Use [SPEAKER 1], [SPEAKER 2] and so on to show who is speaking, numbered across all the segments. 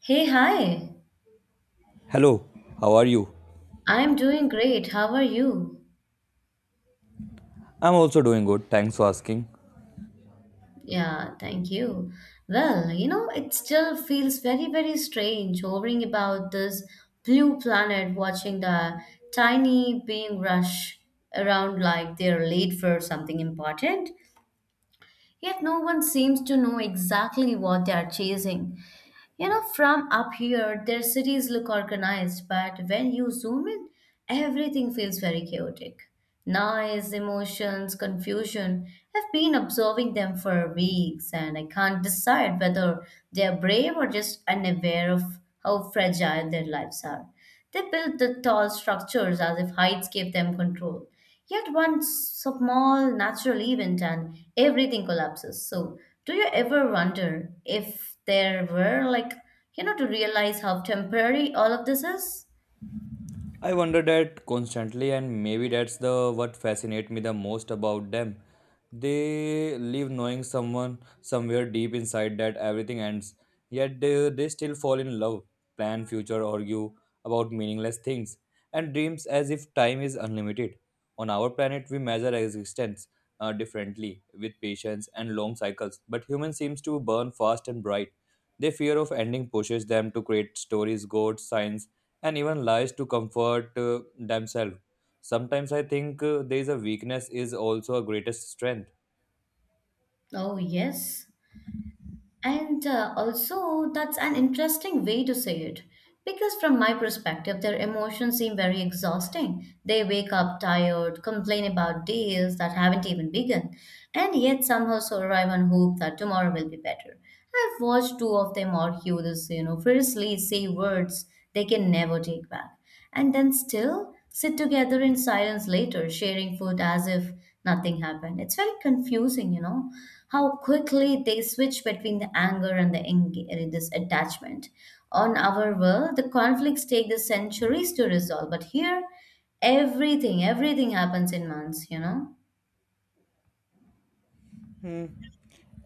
[SPEAKER 1] Hey, hi.
[SPEAKER 2] Hello, how are you?
[SPEAKER 1] I'm doing great. How are you?
[SPEAKER 2] I'm also doing good, thanks for asking.
[SPEAKER 1] Yeah, thank you. Well, it still feels very, very strange hovering about this blue planet, watching the tiny being rush around like they're late for something important. Yet no one seems to know exactly what they are chasing. From up here, their cities look organized, but when you zoom in, everything feels very chaotic. Noise, emotions, confusion. I've been observing them for weeks and I can't decide whether they're brave or just unaware of how fragile their lives are. They built the tall structures as if heights gave them control. Yet one small natural event and everything collapses. So, do you ever wonder if there were, like, to realize how temporary all of this is?
[SPEAKER 2] I wonder that constantly, and maybe that's the what fascinates me the most about them. They live knowing someone somewhere deep inside that everything ends, yet they still fall in love, plan future, argue about meaningless things, and dreams as if time is unlimited. On our planet, we measure existence differently with patience and long cycles, but human seems to burn fast and bright. Their fear of ending pushes them to create stories, gods, signs, and even lies to comfort themselves. Sometimes I think there is a weakness is also a greatest strength.
[SPEAKER 1] Oh, yes. And also, that's an interesting way to say it. Because from my perspective, their emotions seem very exhausting. They wake up tired, complain about days that haven't even begun, and yet somehow survive on hope that tomorrow will be better. I've watched two of them argue this fiercely, say words they can never take back, and then still sit together in silence later, sharing food as if nothing happened. It's very confusing, how quickly they switch between the anger and this attachment. On our world, the conflicts take the centuries to resolve, but here, everything, everything happens in months.
[SPEAKER 2] Hmm.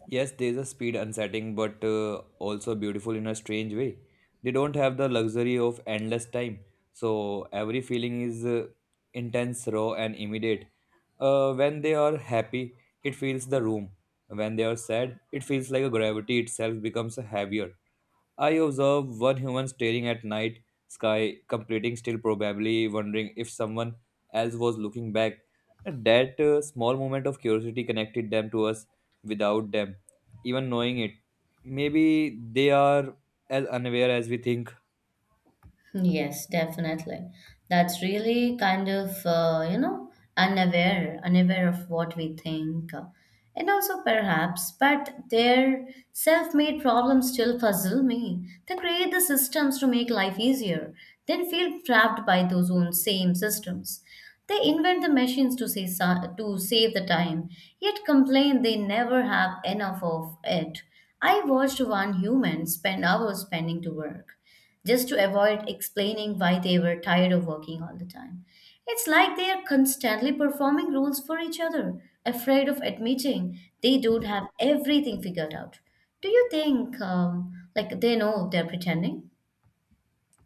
[SPEAKER 2] Yes, there is a speed unsettling, but also beautiful in a strange way. They don't have the luxury of endless time, so every feeling is intense, raw, and immediate. When they are happy, it fills the room. When they are sad, it feels like a gravity itself becomes heavier. I observed one human staring at night sky, completing still, probably wondering if someone else was looking back. And That small moment of curiosity connected them to us without them even knowing it. Maybe they are as unaware as we think.
[SPEAKER 1] Yes, definitely. That's really kind of unaware of what we think. And also, perhaps, but their self made problems still puzzle me. They create the systems to make life easier, then feel trapped by those own same systems. They invent the machines to save the time, yet complain they never have enough of it. I watched one human spend hours spending to work just to avoid explaining why they were tired of working all the time. It's like they are constantly performing roles for each other, afraid of admitting they don't have everything figured out. Do you think, like, they know they're pretending?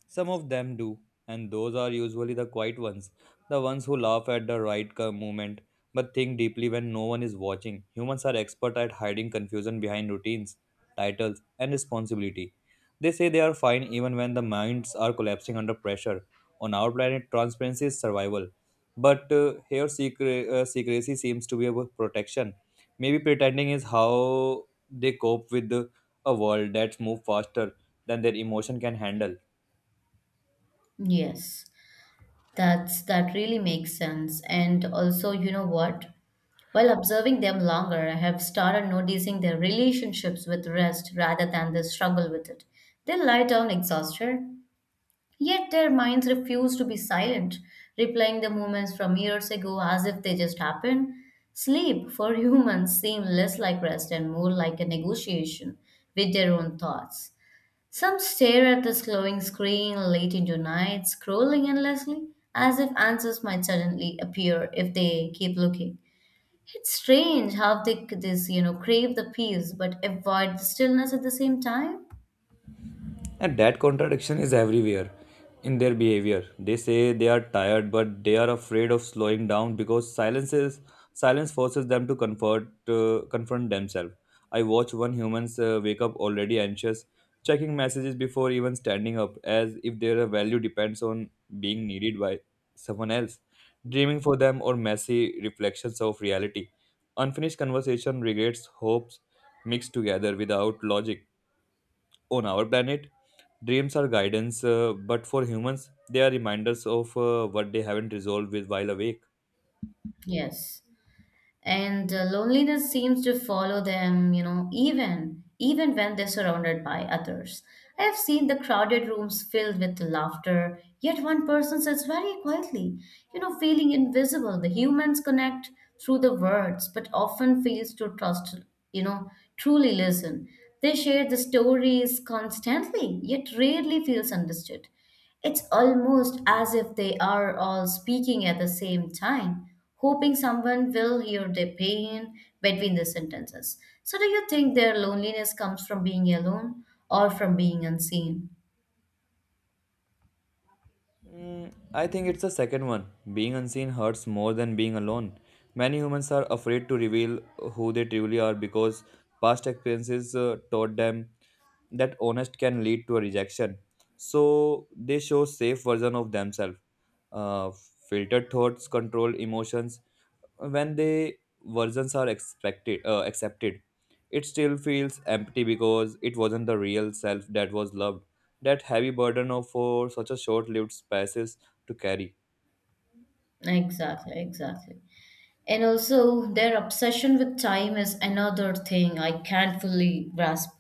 [SPEAKER 2] Some of them do, and those are usually the quiet ones, the ones who laugh at the right moment but think deeply when no one is watching. Humans are expert at hiding confusion behind routines, titles, and responsibility. They say they are fine even when the minds are collapsing under pressure. On our planet, transparency is survival, but here secrecy seems to be a protection. Maybe pretending is how they cope with a world that's moved faster than their emotion can handle.
[SPEAKER 1] Yes, that really makes sense. And also, you know what? While observing them longer, I have started noticing their relationships with rest rather than the struggle with it. They lie down exhausted, yet their minds refuse to be silent, replaying the moments from years ago as if they just happened. Sleep for humans seems less like rest and more like a negotiation with their own thoughts. Some stare at the glowing screen late into night, scrolling endlessly, as if answers might suddenly appear if they keep looking. It's strange how they could this crave the peace but avoid the stillness at the same time.
[SPEAKER 2] And that contradiction is everywhere in their behavior. They say they are tired, but they are afraid of slowing down because silence forces them to comfort confront themselves. I watch one humans wake up already anxious, checking messages before even standing up, as if their value depends on being needed by someone else. Dreaming for them or messy reflections of reality, unfinished conversation, regrets, hopes mixed together without logic. On our planet, dreams are guidance, but for humans, they are reminders of what they haven't resolved with while awake.
[SPEAKER 1] Yes. And loneliness seems to follow them, even when they're surrounded by others. I have seen the crowded rooms filled with laughter, yet one person says very quietly, feeling invisible. The humans connect through the words but often fails to trust, you know truly listen. They share the stories constantly, yet rarely feels understood. It's almost as if they are all speaking at the same time, hoping someone will hear their pain between the sentences. So, do you think their loneliness comes from being alone or from being unseen?
[SPEAKER 2] Mm, I think it's the second one. Being unseen hurts more than being alone. Many humans are afraid to reveal who they truly are because past experiences taught them that honest can lead to a rejection. So they show safe version of themselves. Uh, Filtered thoughts, control emotions. When the versions are expected accepted, it still feels empty because it wasn't the real self that was loved, that heavy burden of for such a short-lived spaces to carry.
[SPEAKER 1] Exactly, exactly. And also, their obsession with time is another thing I can't fully grasp.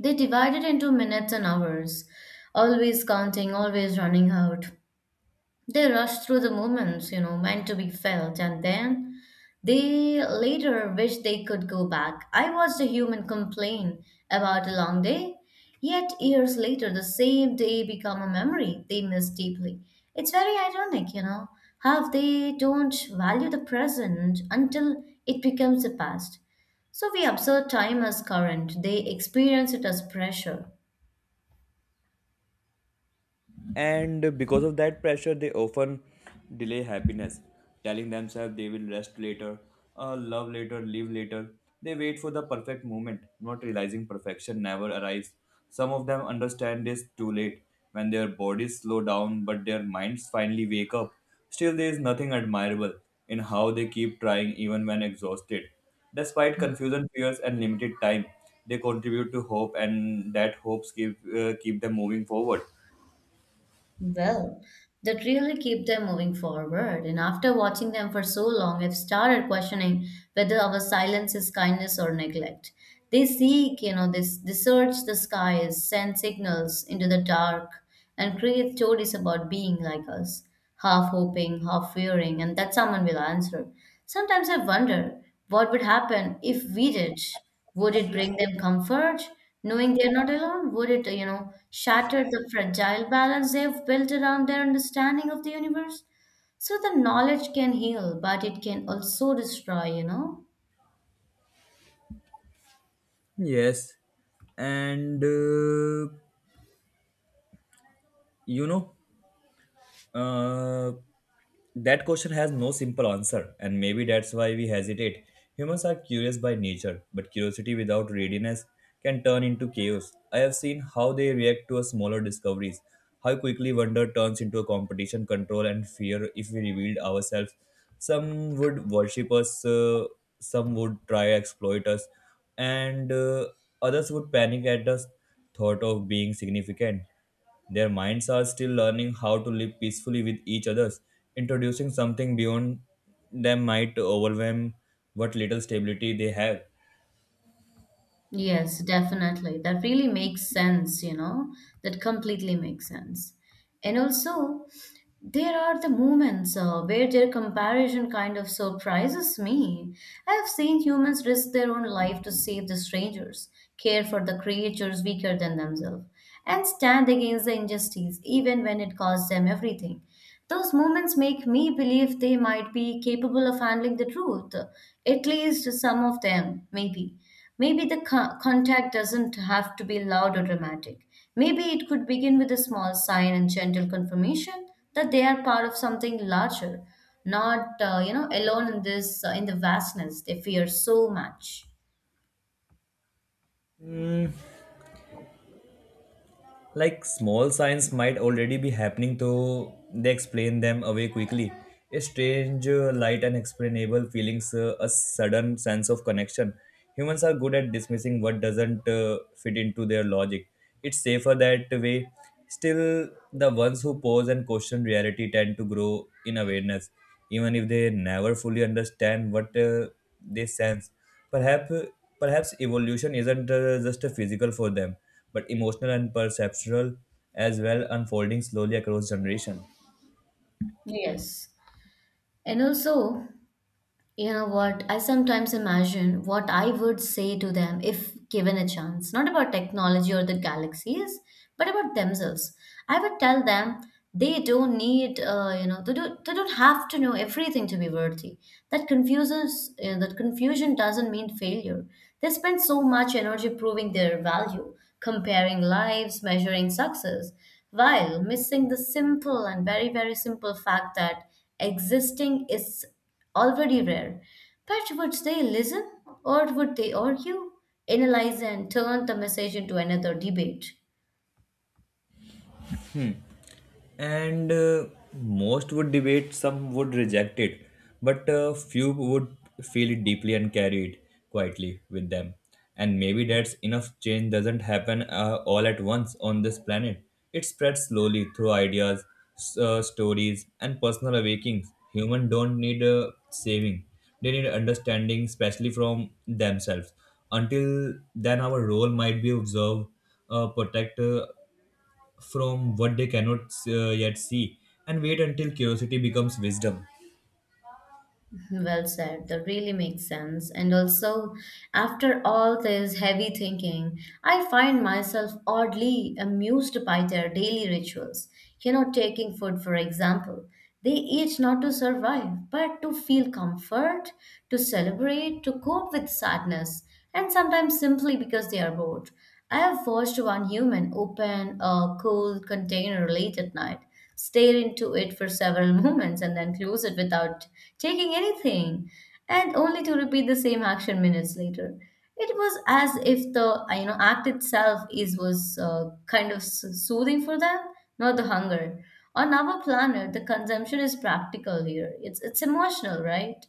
[SPEAKER 1] They divide it into minutes and hours, always counting, always running out. They rush through the moments, meant to be felt, and then they later wish they could go back. I watched a human complain about a long day, yet years later, the same day become a memory they miss deeply. It's very ironic, how they don't value the present until it becomes the past. So we observe time as current, they experience it as pressure.
[SPEAKER 2] And because of that pressure, they often delay happiness, telling themselves they will rest later, love later, live later. They wait for the perfect moment, not realizing perfection never arrives. Some of them understand this too late, when their bodies slow down but their minds finally wake up. Still, there is nothing admirable in how they keep trying even when exhausted. Despite confusion, fears, and limited time, they contribute to hope, and that hopes keep them moving forward.
[SPEAKER 1] Well, that really keep them moving forward. And after watching them for so long, I've started questioning whether our silence is kindness or neglect. They seek, you know, this they search the skies, send signals into the dark, and create stories about being like us, half hoping, half fearing, and that someone will answer. Sometimes I wonder what would happen if we did? Would it bring them comfort, knowing they're not alone? Would it shatter the fragile balance they've built around their understanding of the universe? So the knowledge can heal, but it can also destroy, you know?
[SPEAKER 2] Yes, and you know, uh, that question has no simple answer, and maybe that's why we hesitate. Humans are curious by nature, but curiosity without readiness can turn into chaos. I have seen how they react to a smaller discoveries, how quickly wonder turns into a competition, control, and fear if we revealed ourselves. Some would worship us, some would try to exploit us, and others would panic at the thought of being significant. Their minds are still learning how to live peacefully with each other. Introducing something beyond them might overwhelm what little stability they have.
[SPEAKER 1] Yes, definitely. That really makes sense, you know? That completely makes sense. And also, there are the moments, where their comparison kind of surprises me. I have seen humans risk their own life to save the strangers, care for the creatures weaker than themselves, and stand against the injustice even when it costs them everything. Those moments make me believe they might be capable of handling the truth, at least some of them, maybe. Maybe the contact doesn't have to be loud or dramatic. Maybe it could begin with a small sign and gentle confirmation that they are part of something larger, not alone in this in the vastness they fear so much.
[SPEAKER 2] Like, small signs might already be happening, though they explain them away quickly. A strange, light, and explainable feelings, a sudden sense of connection. Humans are good at dismissing what doesn't fit into their logic. It's safer that way. Still, the ones who pause and question reality tend to grow in awareness, even if they never fully understand what they sense. Perhaps, perhaps evolution isn't just a physical for them, but emotional and perceptual as well, unfolding slowly across generation.
[SPEAKER 1] Yes. And also, you know what? I sometimes imagine what I would say to them if given a chance, not about technology or the galaxies, but about themselves. I would tell them they don't need, you know, they, do, they don't have to know everything to be worthy. That confusion doesn't mean failure. They spend so much energy proving their value, comparing lives, measuring success, while missing the simple and very, very simple fact that existing is already rare. But would they listen, or would they argue, analyze, and turn the message into another debate?
[SPEAKER 2] And most would debate, some would reject it, but few would feel it deeply and carry it quietly with them. And maybe that's enough. Change doesn't happen all at once on this planet. It spreads slowly through ideas, stories, and personal awakenings. Human don't need saving, they need understanding, especially from themselves. Until then, our role might be observe, protect, from what they cannot yet see, and wait until curiosity becomes wisdom.
[SPEAKER 1] Well said. That really makes sense. And also, after all this heavy thinking, I find myself oddly amused by their daily rituals. Taking food, for example. They eat not to survive, but to feel comfort, to celebrate, to cope with sadness, and sometimes simply because they are bored. I have watched one human open a cold container late at night, stare into it for several moments, and then close it without taking anything, and only to repeat the same action minutes later. It was as if the act itself is was kind of soothing for them, not the hunger. On our planet, the consumption is practical here. It's emotional, right?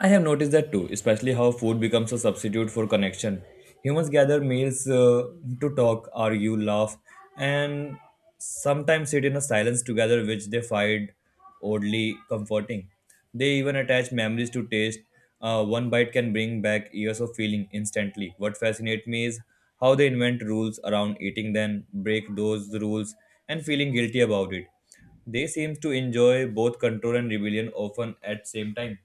[SPEAKER 2] I have noticed that too, especially how food becomes a substitute for connection. Humans gather meals to talk, argue, laugh, and sometimes sit in a silence together, which they find oddly comforting. They even attach memories to taste. One bite can bring back years of feeling instantly. What fascinates me is how they invent rules around eating, then break those rules and feeling guilty about it. They seem to enjoy both control and rebellion often at same time.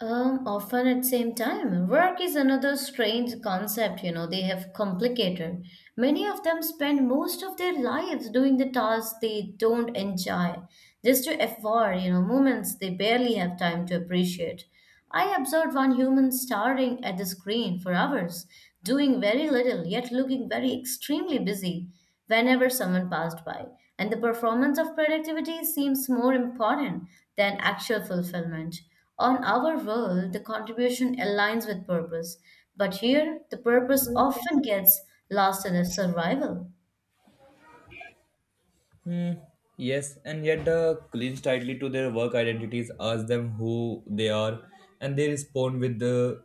[SPEAKER 1] Often at same time. Work is another strange concept, they have complicated. Many of them spend most of their lives doing the tasks they don't enjoy, just to afford, moments they barely have time to appreciate. I observed one human staring at the screen for hours, doing very little, yet looking very extremely busy whenever someone passed by. And the performance of productivity seems more important than actual fulfillment. On our world, the contribution aligns with purpose, but here the purpose often gets lost in the survival.
[SPEAKER 2] Hmm. Yes, and yet the clinch tightly to their work identities. Ask them who they are, and they respond with the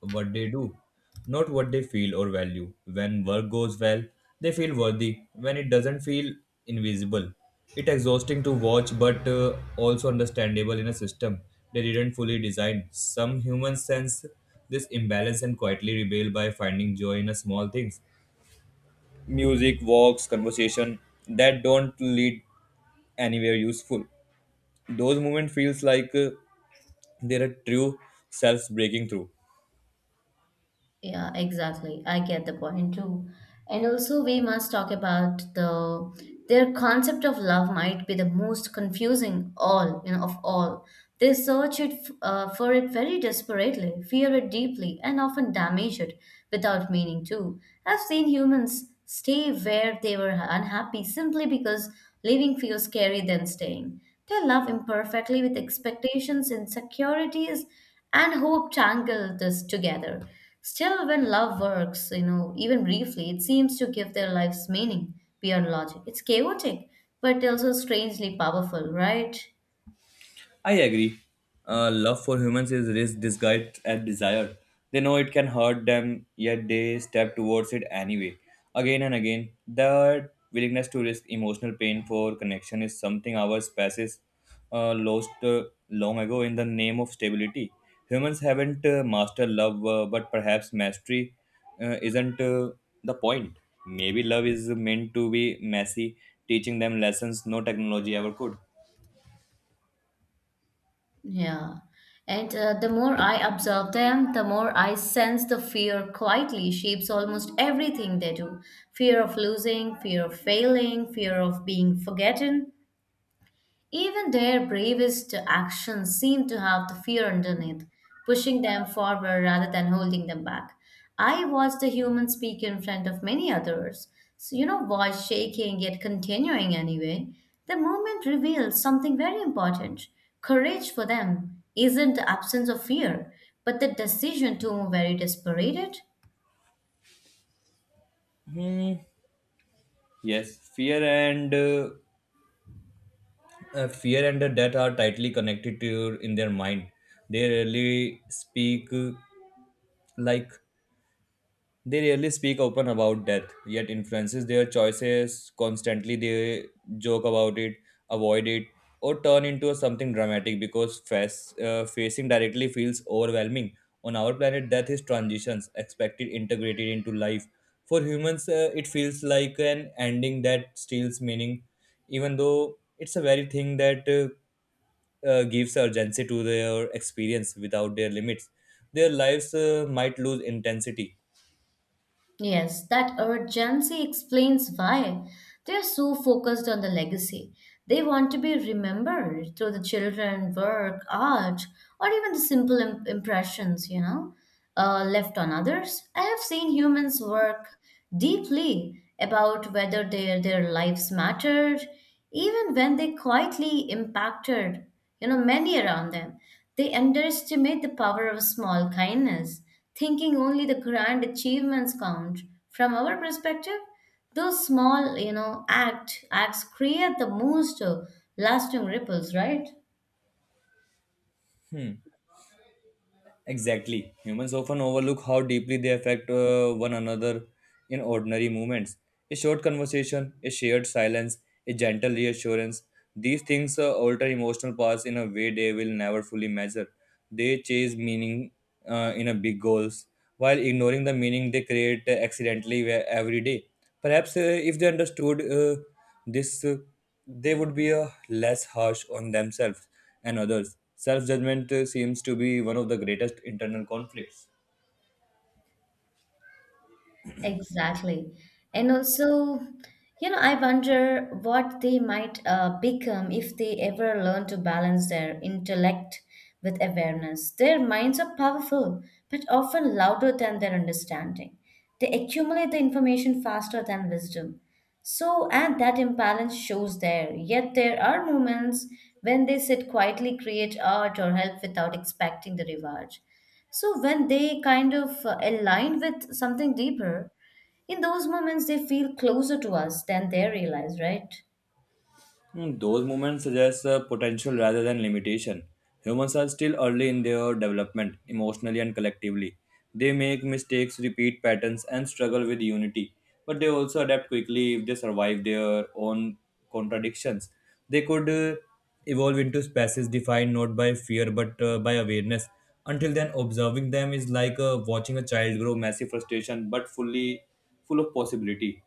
[SPEAKER 2] what they do, not what they feel or value. When work goes well, they feel worthy. When it doesn't feel invisible, it's exhausting to watch, but also understandable in a system they didn't fully design. Some humans sense this imbalance and quietly rebel by finding joy in a small things, music, walks, conversation that don't lead anywhere useful. Those moments feels like they're a true self breaking through.
[SPEAKER 1] Yeah, exactly. I get the point too. And also, we must talk about their concept of love might be the most confusing all, of all. They search it for it very desperately, fear it deeply, and often damage it without meaning to. I've seen humans stay where they were unhappy simply because leaving feels scary than staying. They love imperfectly with expectations, insecurities, and hope tangle this together. Still, when love works, even briefly, it seems to give their lives meaning beyond logic. It's chaotic, but also strangely powerful, right?
[SPEAKER 2] I agree. Love for humans is risk disguised as desire. They know it can hurt them, yet they step towards it anyway. Again and again, that willingness to risk emotional pain for connection is something our species lost long ago in the name of stability. Humans haven't mastered love, but perhaps mastery isn't the point. Maybe love is meant to be messy, teaching them lessons no technology ever could.
[SPEAKER 1] Yeah. And the more I observe them, the more I sense the fear quietly shapes almost everything they do. Fear of losing, fear of failing, fear of being forgotten. Even their bravest actions seem to have the fear underneath, pushing them forward rather than holding them back. I watched the human speak in front of many others, so voice shaking yet continuing anyway. The moment reveals something very important. Courage for them isn't the absence of fear, but the decision to move very desperated.
[SPEAKER 2] Hmm. Yes, fear and death are tightly connected to in their mind. They rarely speak uh, like They rarely speak open about death, yet influences their choices constantly. They joke about it, avoid it, or turn into something dramatic because facing directly feels overwhelming. On our planet, death is transitions expected integrated into life. For humans, it feels like an ending that steals meaning, even though it's a very thing that gives urgency to their experience. Without their limits, their lives might lose intensity.
[SPEAKER 1] Yes, that urgency explains why they are so focused on the legacy. They want to be remembered through the children, work, art, or even the simple impressions, left on others. I have seen humans work deeply about whether their lives mattered, even when they quietly impacted, many around them. They underestimate the power of small kindness, thinking only the grand achievements count. From our perspective, those small acts create the most lasting ripples, right?
[SPEAKER 2] Hmm. Exactly. Humans often overlook how deeply they affect one another in ordinary moments. A short conversation, a shared silence, a gentle reassurance. These things alter emotional paths in a way they will never fully measure. They chase meaning in a big goals, while ignoring the meaning they create accidentally every day. Perhaps if they understood this, they would be less harsh on themselves and others. Self judgment seems to be one of the greatest internal conflicts.
[SPEAKER 1] Exactly. And also, I wonder what they might become if they ever learn to balance their intellect with awareness. Their minds are powerful, but often louder than their understanding. They accumulate the information faster than wisdom. So, and that imbalance shows there. Yet there are moments when they sit quietly, create art, or help without expecting the reward. So, when they kind of align with something deeper, in those moments they feel closer to us than they realize, right?
[SPEAKER 2] Hmm, those movements suggest potential rather than limitation. Humans are still early in their development, emotionally and collectively. They make mistakes, repeat patterns, and struggle with unity. But they also adapt quickly if they survive their own contradictions. They could evolve into species defined not by fear but by awareness. Until then, observing them is like watching a child grow massive frustration but fully full of possibility.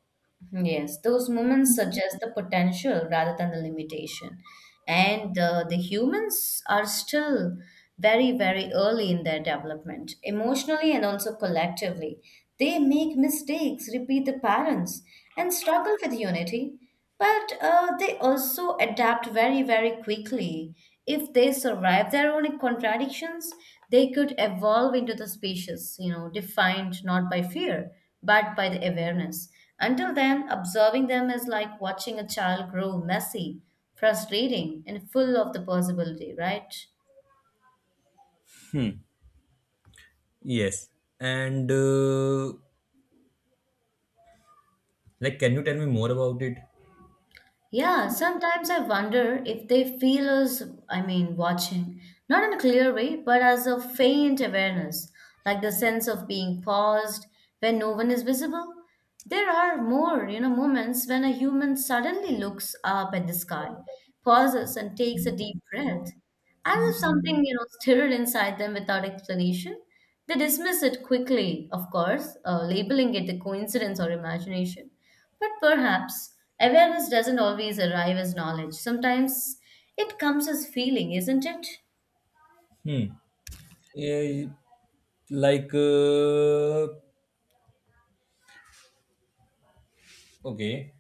[SPEAKER 1] Yes, those moments suggest the potential rather than the limitation. And the humans are still very, very early in their development, emotionally and also collectively. They make mistakes, repeat the patterns, and struggle with unity. But they also adapt very, very quickly. If they survive their own contradictions, they could evolve into the species, you know, defined not by fear, but by the awareness. Until then, observing them is like watching a child grow messy, frustrating, and full of the possibility, right?
[SPEAKER 2] Hmm. Yes, and like, can you tell me more about it?
[SPEAKER 1] Yeah, sometimes I wonder if they feel us, I mean, watching, not in a clear way, but as a faint awareness, like the sense of being paused when no one is visible. There are more, you know, moments when a human suddenly looks up at the sky, pauses, and takes a deep breath. As if something, you know, stirred inside them without explanation, they dismiss it quickly, of course, labeling it a coincidence or imagination. But perhaps awareness doesn't always arrive as knowledge. Sometimes it comes as feeling, isn't it?
[SPEAKER 2] Hmm. Eh, like uh, Okay.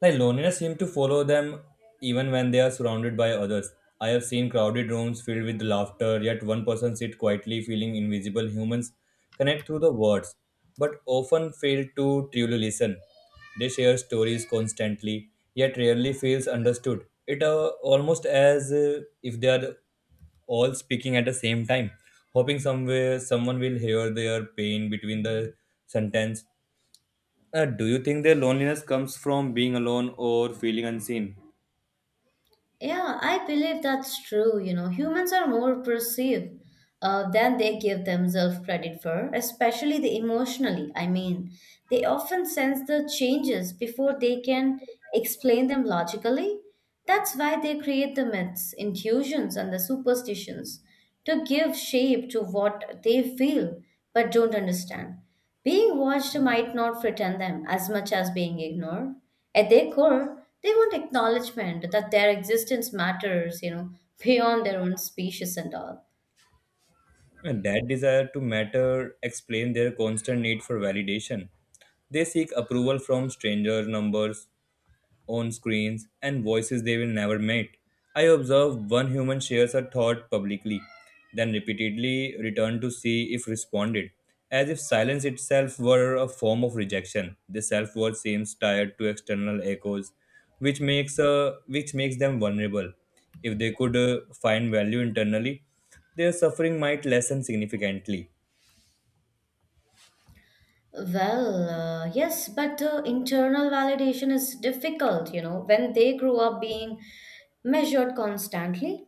[SPEAKER 2] Like, loneliness seems to follow them even when they are surrounded by others. I have seen crowded rooms filled with laughter, yet one person sit quietly feeling invisible. Humans connect through the words, but often fail to truly listen. They share stories constantly, yet rarely feels understood. It almost as if they are all speaking at the same time, hoping somewhere someone will hear their pain between the sentence. Do you think their loneliness comes from being alone or feeling unseen?
[SPEAKER 1] Yeah, I believe that's true. You know, humans are more perceive than they give themselves credit for, especially the emotionally. I mean, they often sense the changes before they can explain them logically. That's why they create the myths, intuitions, and the superstitions to give shape to what they feel but don't understand. Being watched might not frighten them as much as being ignored. At their core, they want acknowledgement that their existence matters, you know, beyond their own species and all.
[SPEAKER 2] That desire to matter explains their constant need for validation. They seek approval from stranger numbers, on screens, and voices they will never meet. I observe one human shares a thought publicly, then repeatedly return to see if responded, as if silence itself were a form of rejection. The self-worth seems tied to external echoes, which makes them vulnerable. If they could find value internally, their suffering might lessen significantly.
[SPEAKER 1] Well, yes, but the internal validation is difficult, you know, when they grew up being measured constantly.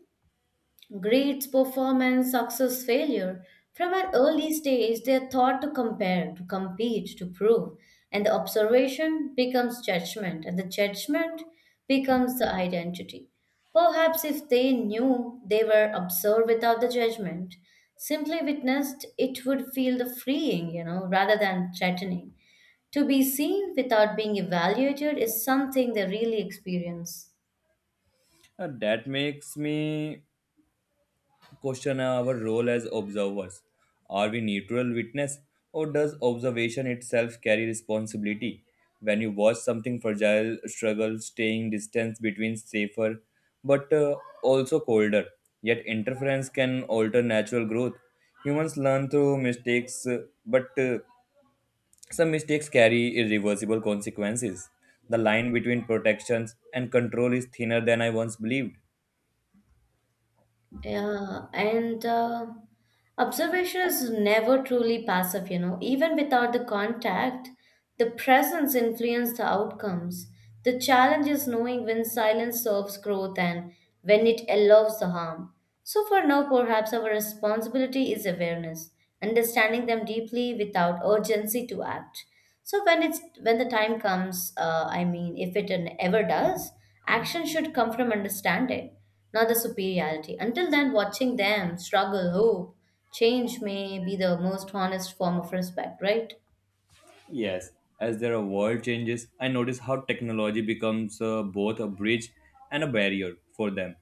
[SPEAKER 1] Grades, performance, success, failure. From an early stage, they are taught to compare, to compete, to prove. And the observation becomes judgment, and the judgment becomes the identity. Perhaps if they knew they were observed without the judgment, simply witnessed, it would feel the freeing, you know, rather than threatening. To be seen without being evaluated is something they really experience.
[SPEAKER 2] That makes me question our role as observers. Are we neutral witness or does observation itself carry responsibility? When you watch something fragile struggle, staying distance between safer but also colder, yet interference can alter natural growth. Humans learn through mistakes, but some mistakes carry irreversible consequences. The line between protections and control is thinner than I once believed.
[SPEAKER 1] Yeah, and observation is never truly passive, you know. Even without the contact, the presence influences the outcomes. The challenge is knowing when silence serves growth and when it allows the harm. So, for now, perhaps our responsibility is awareness, understanding them deeply without urgency to act. So, when the time comes, I mean, if it ever does, action should come from understanding not the superiority. Until then, watching them struggle, hope, change may be the most honest form of respect, right?
[SPEAKER 2] Yes, as their world changes, I notice how technology becomes both a bridge and a barrier for them.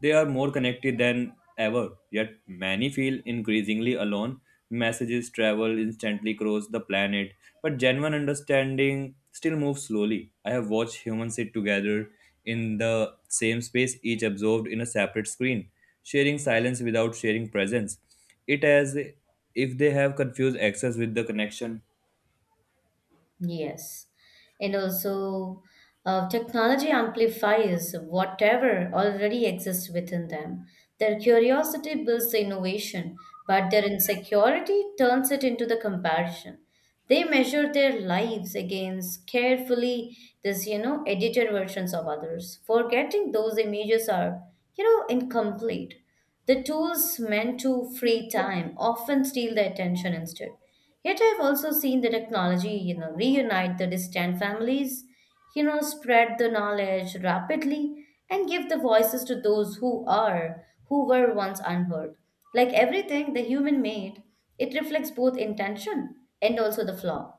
[SPEAKER 2] They are more connected than ever, yet many feel increasingly alone. Messages travel instantly across the planet, but genuine understanding still moves slowly. I have watched humans sit together in the same space, each absorbed in a separate screen, sharing silence without sharing presence. It as if they have confused access with the connection.
[SPEAKER 1] Yes. And also, technology amplifies whatever already exists within them. Their curiosity builds the innovation, but their insecurity turns it into the comparison. They measure their lives against carefully this, you know, edited versions of others, forgetting those images are, you know, incomplete. The tools meant to free time often steal the attention instead. Yet I've also seen the technology, you know, reunite the distant families, you know, spread the knowledge rapidly and give the voices to those who are, who were once unheard. Like everything the human made, it reflects both intention and also the flaw.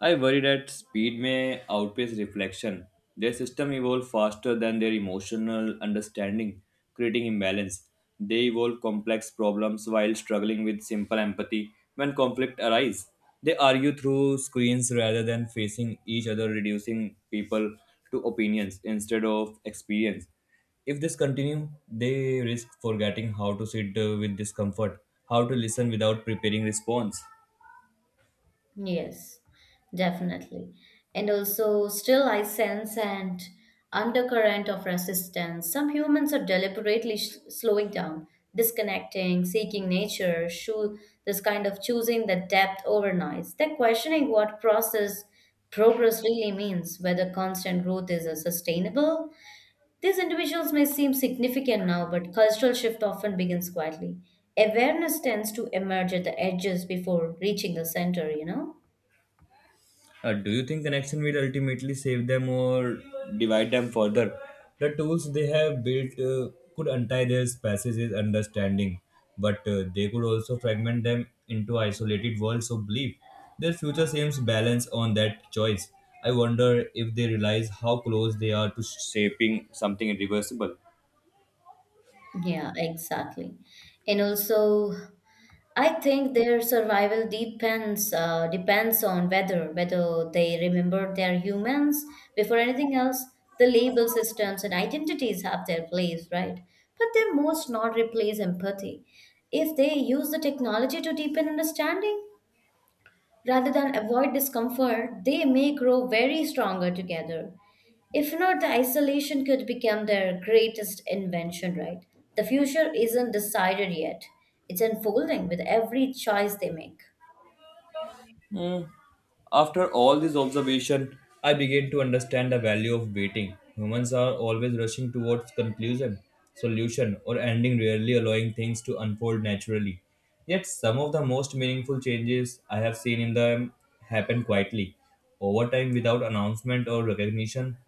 [SPEAKER 2] I worry that speed may outpace reflection. Their system evolve faster than their emotional understanding, creating imbalance. They evolve complex problems while struggling with simple empathy when conflict arises, they argue through screens rather than facing each other, reducing people to opinions instead of experience. If this continues, they risk forgetting how to sit with discomfort, how to listen without preparing response.
[SPEAKER 1] Yes, definitely. And also, still, I sense an undercurrent of resistance. Some humans are deliberately slowing down, disconnecting, seeking nature, this kind of choosing the depth over noise. They're questioning what process progress really means, whether constant growth is sustainable. These individuals may seem significant now, but cultural shift often begins quietly. Awareness tends to emerge at the edges before reaching the center, you know?
[SPEAKER 2] Do you think connection will ultimately save them or divide them further? The tools they have built could untie their spaces' understanding, but they could also fragment them into isolated worlds of belief. Their future seems balanced on that choice. I wonder if they realize how close they are to shaping something irreversible.
[SPEAKER 1] Yeah, exactly. And also, I think their survival depends on whether they remember they're humans. Before anything else, the label systems and identities have their place, right? But they most not replace empathy. If they use the technology to deepen understanding, rather than avoid discomfort, they may grow very stronger together. If not, the isolation could become their greatest invention, right? The future isn't decided yet, it's unfolding with every choice they make.
[SPEAKER 2] Hmm. After all this observation, I began to understand the value of waiting. Humans are always rushing towards conclusion, solution, or ending, rarely allowing things to unfold naturally. Yet, some of the most meaningful changes I have seen in them happen quietly, over time without announcement or recognition.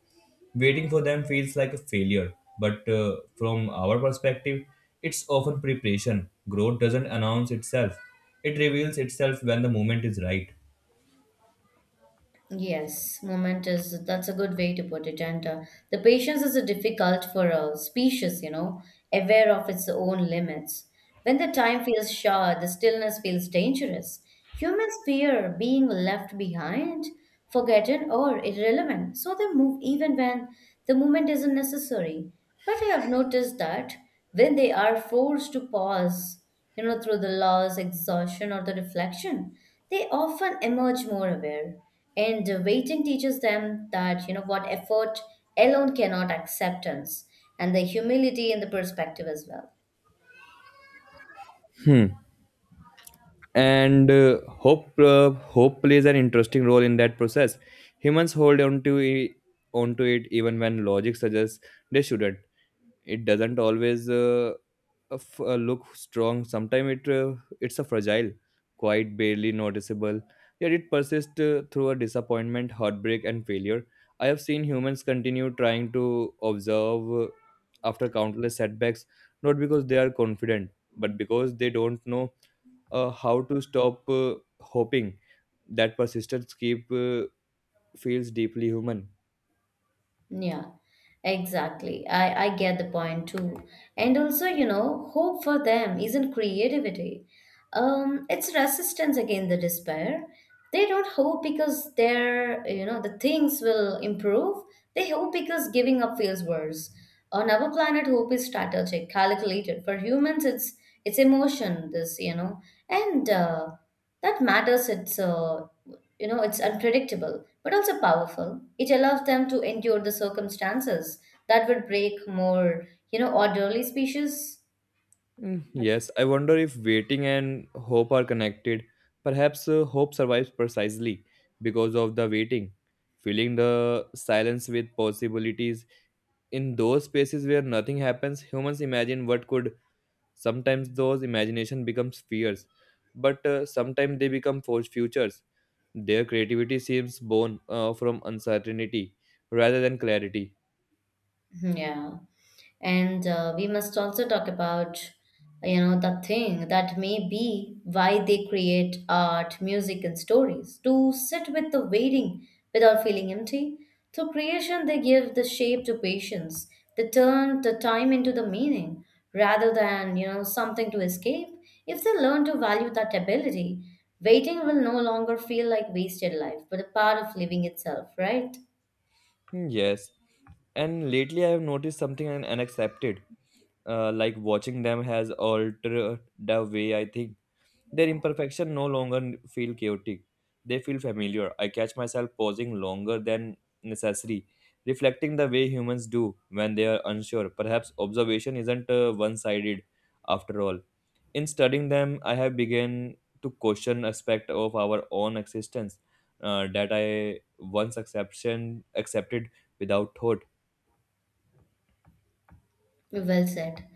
[SPEAKER 2] Waiting for them feels like a failure, but from our perspective, it's often preparation. Growth doesn't announce itself, it reveals itself when the moment is right.
[SPEAKER 1] Yes, moment is that's a good way to put it. And the patience is a difficult for a species, you know, aware of its own limits. When the time feels short, the stillness feels dangerous. Humans fear being left behind, forgotten, or irrelevant, so they move even when the movement isn't necessary. But I have noticed that when they are forced to pause, you know, through the loss, exhaustion, or the reflection, they often emerge more aware. And waiting teaches them that, you know, what effort alone cannot acceptance, and the humility and the perspective as well.
[SPEAKER 2] Hmm. and Hope hope plays an interesting role in that process. Humans hold on to onto it even when logic suggests they shouldn't. It doesn't always look strong. Sometimes it's a fragile, quite barely noticeable, yet it persists through a disappointment, heartbreak, and failure. I have seen humans continue trying to observe, after countless setbacks, not because they are confident but because they don't know how to stop hoping. That persistence keep feels deeply human.
[SPEAKER 1] Yeah, exactly. I get the point too. And also, you know, hope for them isn't creativity. It's resistance against the despair. They don't hope because they're, you know, the things will improve. They hope because giving up feels worse. On our planet, hope is strategic, calculated. For humans, it's emotion. This, you know, and that matters. It's you know, it's unpredictable, but also powerful. It allows them to endure the circumstances that would break more, you know, orderly species.
[SPEAKER 2] Mm, yes, I wonder if waiting and hope are connected. Perhaps hope survives precisely because of the waiting, filling the silence with possibilities. In those spaces where nothing happens, humans imagine what could. Sometimes those imagination becomes fears, but sometimes they become forged futures. Their creativity seems born from uncertainty rather than clarity.
[SPEAKER 1] Hmm, yeah. And we must also talk about, you know, the thing that may be why they create art, music, and stories to sit with the waiting without feeling empty. Through creation they give the shape to patience, they turn the time into the meaning rather than, you know, something to escape. If they learn to value that ability, waiting will no longer feel like wasted life but a part of living itself, right?
[SPEAKER 2] Hmm, yes, and lately I have noticed something and unaccepted, like watching them has altered the way I think. Their imperfection no longer feel chaotic. They feel familiar. I catch myself pausing longer than necessary, reflecting the way humans do when they are unsure. Perhaps observation isn't one sided after all. In studying them, I have begun to question aspect of our own existence that I once accepted without thought.
[SPEAKER 1] Well said.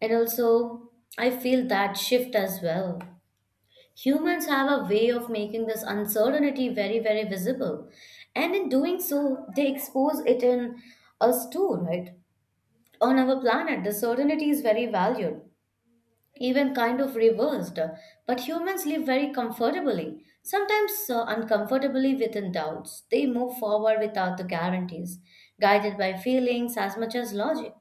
[SPEAKER 1] And also, I feel that shift as well. Humans have a way of making this uncertainty very, very visible. And in doing so, they expose it in us too, right? On our planet, the certainty is very valued, even kind of reversed. But humans live very comfortably, sometimes uncomfortably within doubts. They move forward without the guarantees, guided by feelings as much as logic.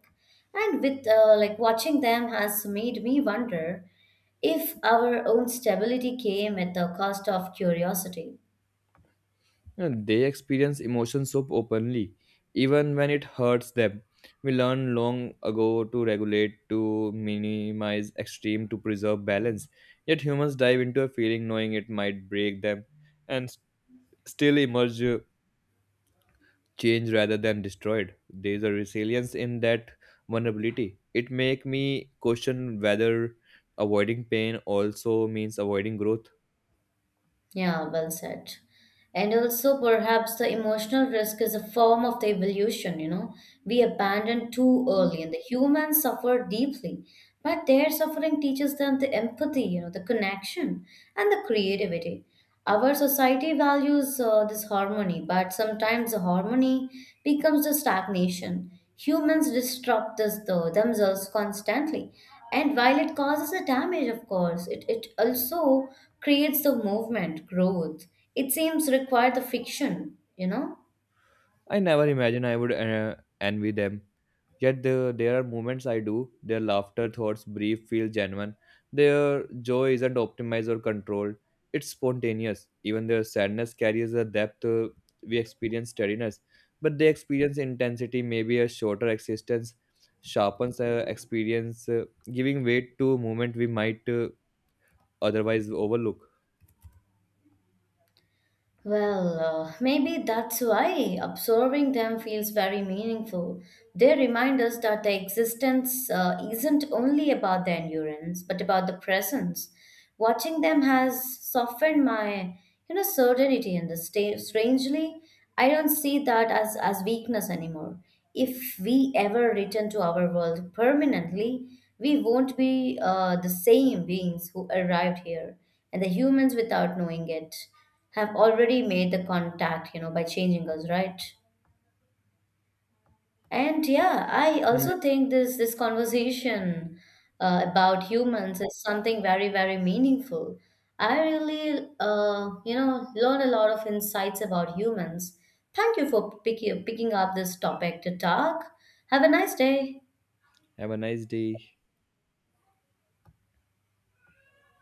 [SPEAKER 1] And with like watching them has made me wonder if our own stability came at the cost of curiosity.
[SPEAKER 2] And they experience emotions so openly, even when it hurts them. We learned long ago to regulate, to minimize extreme, to preserve balance. Yet humans dive into a feeling knowing it might break them and still emerge changed rather than destroyed. There is a resilience in that vulnerability. It make me question whether avoiding pain also means avoiding growth.
[SPEAKER 1] Yeah, well said. And also, perhaps the emotional risk is a form of the evolution, you know. We abandoned too early, and the humans suffer deeply. But their suffering teaches them the empathy, you know, the connection, and the creativity. Our society values this harmony, but sometimes the harmony becomes the stagnation. Humans disrupt this though themselves constantly. And while it causes a damage, of course, it also creates the movement, growth. It seems require the fiction, you know?
[SPEAKER 2] I never imagined I would envy them. Yet there are moments I do. Their laughter, thoughts, brief, feel genuine. Their joy isn't optimized or controlled. It's spontaneous. Even their sadness carries a depth. We experience steadiness, but they experience intensity. Maybe a shorter existence sharpens experience, giving weight to a moment we might otherwise overlook.
[SPEAKER 1] Well, maybe that's why absorbing them feels very meaningful. They remind us that the existence isn't only about the endurance, but about the presence. Watching them has softened my, you know, certainty, and the strangely, I don't see that as weakness anymore. If we ever return to our world permanently, we won't be the same beings who arrived here, and the humans without knowing it have already made the contact, you know, by changing us, right? And yeah, I also
[SPEAKER 2] Hmm.
[SPEAKER 1] think this conversation about humans is something very, very meaningful. I really, you know, learn a lot of insights about humans. Thank you for picking up this topic to talk. Have a nice day.
[SPEAKER 2] Have a nice day.